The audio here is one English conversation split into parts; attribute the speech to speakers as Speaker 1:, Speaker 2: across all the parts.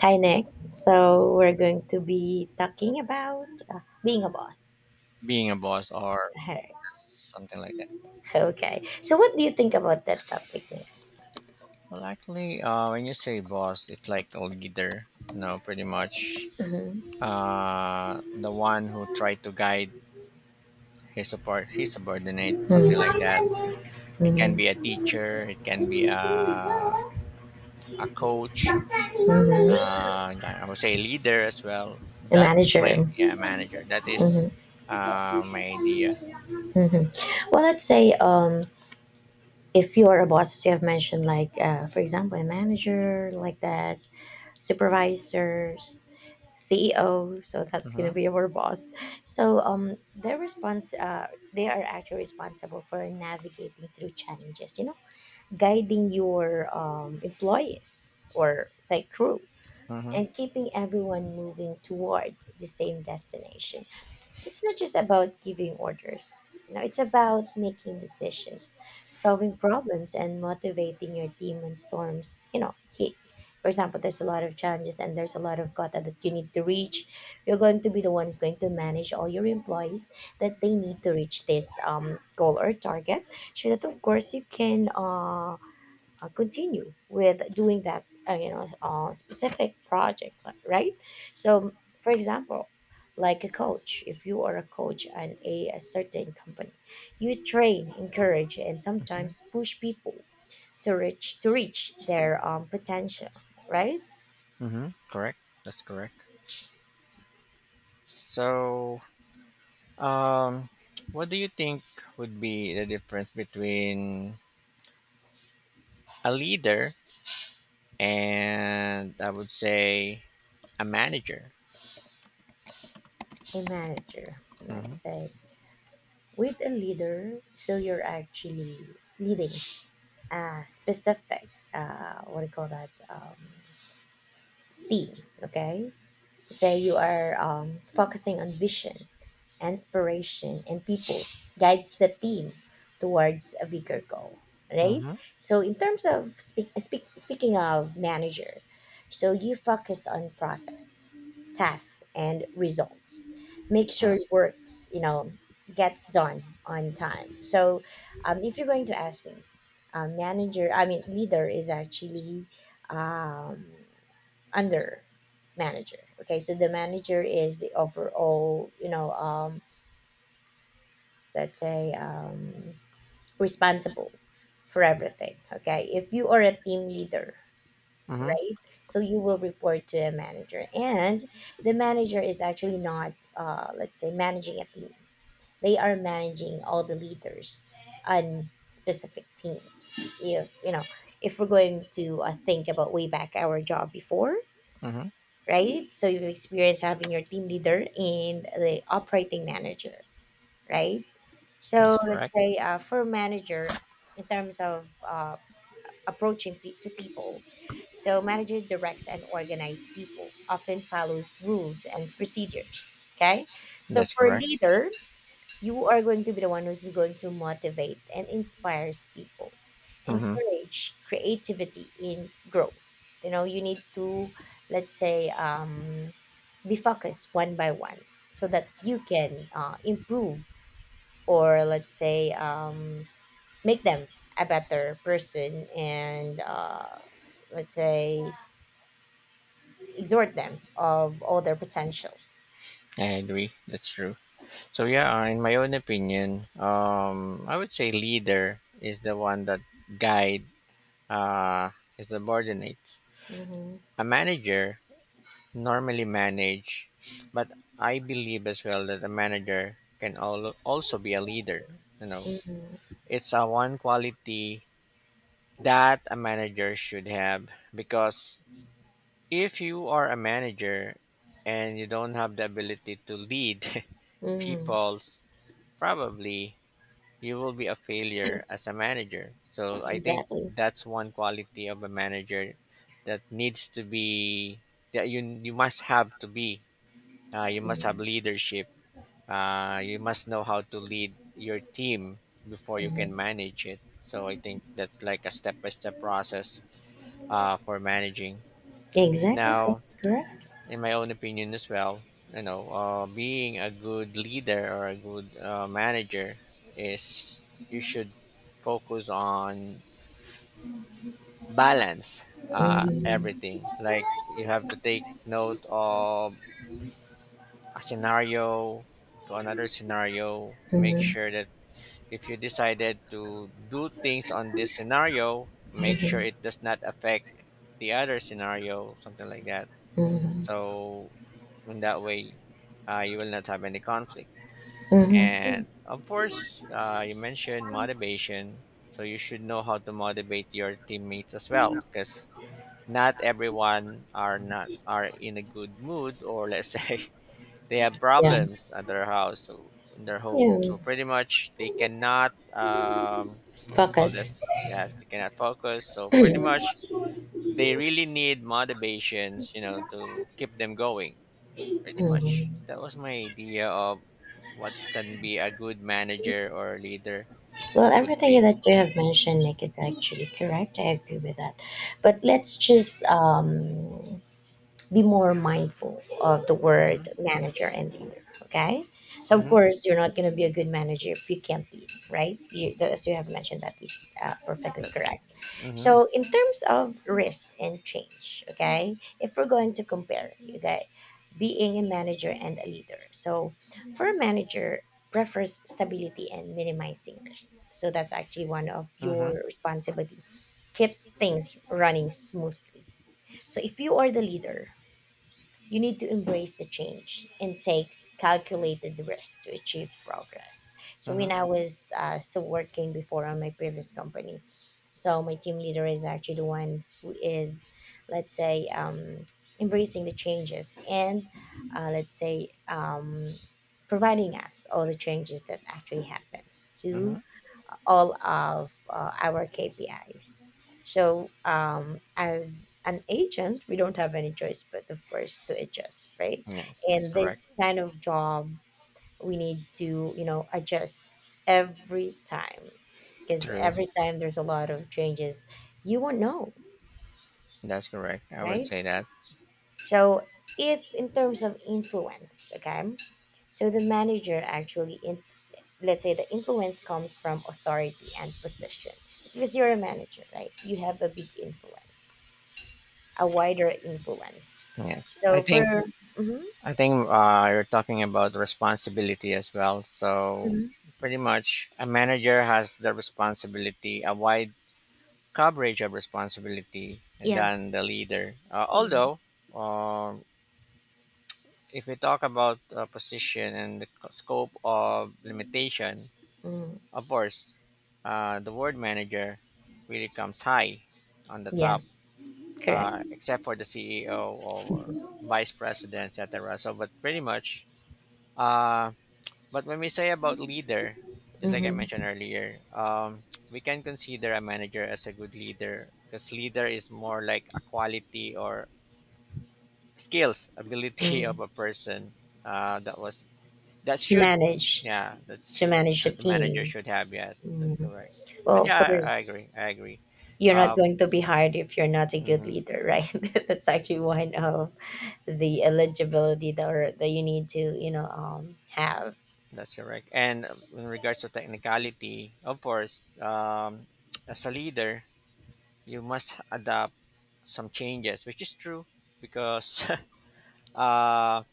Speaker 1: Hi, Nick. So we're going to be talking about being a boss.
Speaker 2: Being a boss
Speaker 1: All
Speaker 2: or
Speaker 1: right.
Speaker 2: something like that.
Speaker 1: Okay. So what do you think about that topic, Nick?
Speaker 2: Well, actually, when you say boss, it's like a leader, you know, pretty much
Speaker 1: Mm-hmm.
Speaker 2: the one who tried to guide his support, his subordinate, something like that. It can be a
Speaker 1: Mm-hmm.
Speaker 2: teacher, it can be a coach, yeah, I would say leader as well.
Speaker 1: A
Speaker 2: That is my
Speaker 1: manager.
Speaker 2: yeah manager. That
Speaker 1: Mm-hmm.
Speaker 2: is my idea.
Speaker 1: Mm-hmm. Well, let's say if you are a boss as you have mentioned, like for example a manager, like that, supervisors, ceo, so that's going
Speaker 2: Mm-hmm,
Speaker 1: to be our boss. So their response they are actually responsible for navigating through challenges, guiding your employees or like crew,
Speaker 2: mm-hmm,
Speaker 1: and keeping everyone moving toward the same destination. It's not just about giving orders, it's about making decisions, solving problems, and motivating your team when storms, you know, hit. For example, there's a lot of challenges and there's a lot of quota that you need to reach. You're going to be the one who's going to manage all your employees, that they need to reach this goal or target, so that of course you can continue with doing that, specific right? So for example, like a coach, if you are a coach and a certain company, you train, encourage, and
Speaker 2: mm-hmm,
Speaker 1: sometimes push people to reach their potential, right?
Speaker 2: mm-hmm. Correct. That's correct. So Um, what do you think would be the difference between a leader and I would say a manager?
Speaker 1: A manager,
Speaker 2: Mm-hmm.
Speaker 1: let's say, with a leader, so you're actually leading a specific what do you call that team. Okay, today you are focusing on vision, inspiration, and people, guides the team towards a bigger goal, right?
Speaker 2: Mm-hmm.
Speaker 1: So in terms of speaking of manager, so you focus on process, tasks, and results. Make sure it works, you know, gets done on time. So if you're going to ask me, manager, I mean leader, is actually um, under manager. Okay, so the manager is the overall, you know, let's say responsible for everything. Okay, if you are a team leader,
Speaker 2: Mm-hmm.
Speaker 1: right, so you will report to a manager, and the manager is actually not, let's say, managing a team. They are managing all the leaders on specific teams. If you know, if we're going to think about way back our job before,
Speaker 2: Mm-hmm.
Speaker 1: right? So you've experienced having your team leader and the operating manager, right? So
Speaker 2: That's
Speaker 1: let's
Speaker 2: correct.
Speaker 1: say for manager, in terms of approaching to people, so manager directs and organizes people, often follows rules and procedures. Okay, so
Speaker 2: That's
Speaker 1: for
Speaker 2: correct.
Speaker 1: leader, you are going to be the one who's going to motivate and inspires people,
Speaker 2: Mm-hmm.
Speaker 1: encourage creativity in growth. You know, you need to, let's say, be focused one by one, so that you can improve, or let's say make them a better person, and let's say exhort them of all their potentials.
Speaker 2: I agree. That's true. So yeah, in my own opinion, I would say leader is the one that guide uh, his subordinates.
Speaker 1: Hmm.
Speaker 2: A manager normally manage, but I believe as well that a manager can also be a leader. You know,
Speaker 1: Hmm.
Speaker 2: it's a one quality that a manager should have because if you are a manager and you don't have the ability to lead
Speaker 1: Hmm.
Speaker 2: people, probably you will be a failure as a manager. So I think
Speaker 1: Exactly.
Speaker 2: that's one quality of a manager that needs to be that you must have to be you must have
Speaker 1: Mhm.
Speaker 2: leadership. You must know how to lead your team before you can manage it. So I think that's like a step by step process for managing.
Speaker 1: Exactly,
Speaker 2: Now,
Speaker 1: that's correct.
Speaker 2: in my own opinion as well, you know, being a good leader or a good manager is you should focus on balance
Speaker 1: Mhm.
Speaker 2: everything. Like you have to take note of a scenario to another scenario,
Speaker 1: Mhm.
Speaker 2: make
Speaker 1: Mhm.
Speaker 2: sure that if you decided to do things on this scenario, make sure it does not affect the other scenario, something like that.
Speaker 1: Mhm.
Speaker 2: So, in that way, you will not have any conflict.
Speaker 1: Mhm.
Speaker 2: And of course, you mentioned motivation. So, you should know how to motivate your teammates as well because not everyone are not are in a good mood or let's say they have
Speaker 1: Yeah.
Speaker 2: problems at their house, so in their home,
Speaker 1: Yeah.
Speaker 2: so pretty much they cannot what we call
Speaker 1: Focus.
Speaker 2: this, yes, they cannot focus, so pretty much they really need motivations, you know, to keep them going. Pretty much
Speaker 1: Mhm.
Speaker 2: that was my idea of what can be a good manager or leader
Speaker 1: Well,
Speaker 2: would
Speaker 1: everything
Speaker 2: be.
Speaker 1: that you have
Speaker 2: Yes,
Speaker 1: mentioned, Nick, is actually correct. I agree with that. But let's just be more mindful of the
Speaker 2: mm-hmm.
Speaker 1: word manager and leader, okay? So, of
Speaker 2: Mm-hmm.
Speaker 1: course, you're not going to be a good manager if you can't lead, right? You, as you have mentioned, that is perfectly
Speaker 2: That,
Speaker 1: correct.
Speaker 2: mm-hmm.
Speaker 1: So in terms of risk and change, okay, if we're going to compare, okay, being a manager and a leader. So for a manager, prefers stability and minimizing risk. So that's actually one of
Speaker 2: Mm-hmm.
Speaker 1: your responsibility. Keeps things running smoothly. So if you are the leader, you need to embrace the change and takes calculated risk to achieve progress. So
Speaker 2: Mm-hmm.
Speaker 1: when I was still working before on my previous company, so my team leader is actually the one who is, let's say, embracing the changes, and let's say providing us all the changes that actually happens to
Speaker 2: Mm-hmm.
Speaker 1: all of our KPIs. So, as an agent, we don't have any choice but, of course, to adjust, right?
Speaker 2: Yes, that's
Speaker 1: In
Speaker 2: correct.
Speaker 1: this kind of job, we need to, you know, adjust every time, because
Speaker 2: True,
Speaker 1: every time there's a lot of changes, you won't know,
Speaker 2: that's correct. I would
Speaker 1: right?
Speaker 2: say that.
Speaker 1: So, if in terms of influence, okay, so the manager actually, in, let's say, the influence comes from authority and position. It's because you're a manager, right? You have a big influence, a wider influence.
Speaker 2: Yes, I
Speaker 1: So, for.
Speaker 2: think
Speaker 1: Mm-hmm.
Speaker 2: I think you're talking about responsibility as well. So,
Speaker 1: Hmm.
Speaker 2: pretty much, a manager has the responsibility, a wide coverage of responsibility
Speaker 1: Yeah.
Speaker 2: than the leader.
Speaker 1: Mm-hmm.
Speaker 2: Although, um if we talk about position and the scope of limitation,
Speaker 1: Mm-hmm.
Speaker 2: of course, the word manager really comes high on the
Speaker 1: Yeah,
Speaker 2: top,
Speaker 1: correct.
Speaker 2: except for the CEO or vice president, etc. So, but pretty much, uh, But when we say about leader, just like I
Speaker 1: Mm-hmm.
Speaker 2: mentioned earlier, we can consider a manager as a good leader because leader is more like a quality or skills, ability of
Speaker 1: Mm.
Speaker 2: a person that was that
Speaker 1: To
Speaker 2: should,
Speaker 1: manage,
Speaker 2: yeah, that
Speaker 1: to
Speaker 2: should,
Speaker 1: manage a
Speaker 2: the manager
Speaker 1: team.
Speaker 2: should have. Yes, that's
Speaker 1: Mm.
Speaker 2: correct.
Speaker 1: Well,
Speaker 2: But
Speaker 1: of
Speaker 2: yeah, I
Speaker 1: course,
Speaker 2: agree. I agree.
Speaker 1: you're not
Speaker 2: Um,
Speaker 1: going to be hired if you're not a good
Speaker 2: mhm,
Speaker 1: leader, right? That's actually one of the eligibility that, or that you need to, you know, have.
Speaker 2: that's correct. And in regards to technicality, of course, as a leader, you must adapt some changes, which is true because uh,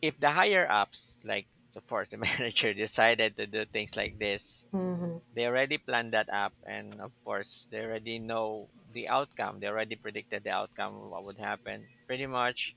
Speaker 2: if the higher ups, like of course the manager, decided to do things like this,
Speaker 1: Mm-hmm.
Speaker 2: they already planned that up, and of course they already know the outcome. They already predicted the outcome, what would happen. Pretty much,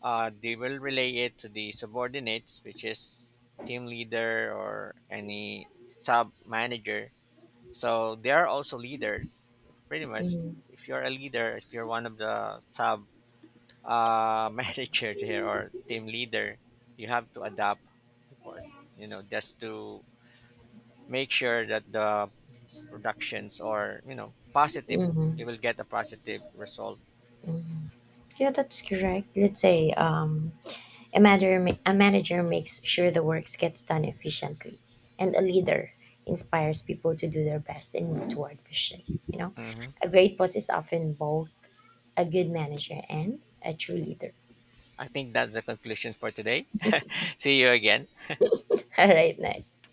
Speaker 2: they will relay it to the subordinates, which is team leader or any sub manager. So they are also leaders. Pretty much,
Speaker 1: Hmm.
Speaker 2: if you're a leader, if you're one of the sub manager here or team leader, you have to adapt, of course, you know, just to make sure that the productions are, you know, positive.
Speaker 1: Mm-hmm.
Speaker 2: You will get a positive result.
Speaker 1: Mm-hmm. Yeah, that's correct. Let's say, a a manager makes sure the works gets done
Speaker 2: Mhm.
Speaker 1: efficiently, and a leader inspires people to do their best and move toward vision, you know.
Speaker 2: Mhm.
Speaker 1: A great boss is often both a good manager and a true leader.
Speaker 2: I think that's the conclusion for today. See you again.
Speaker 1: All right, next.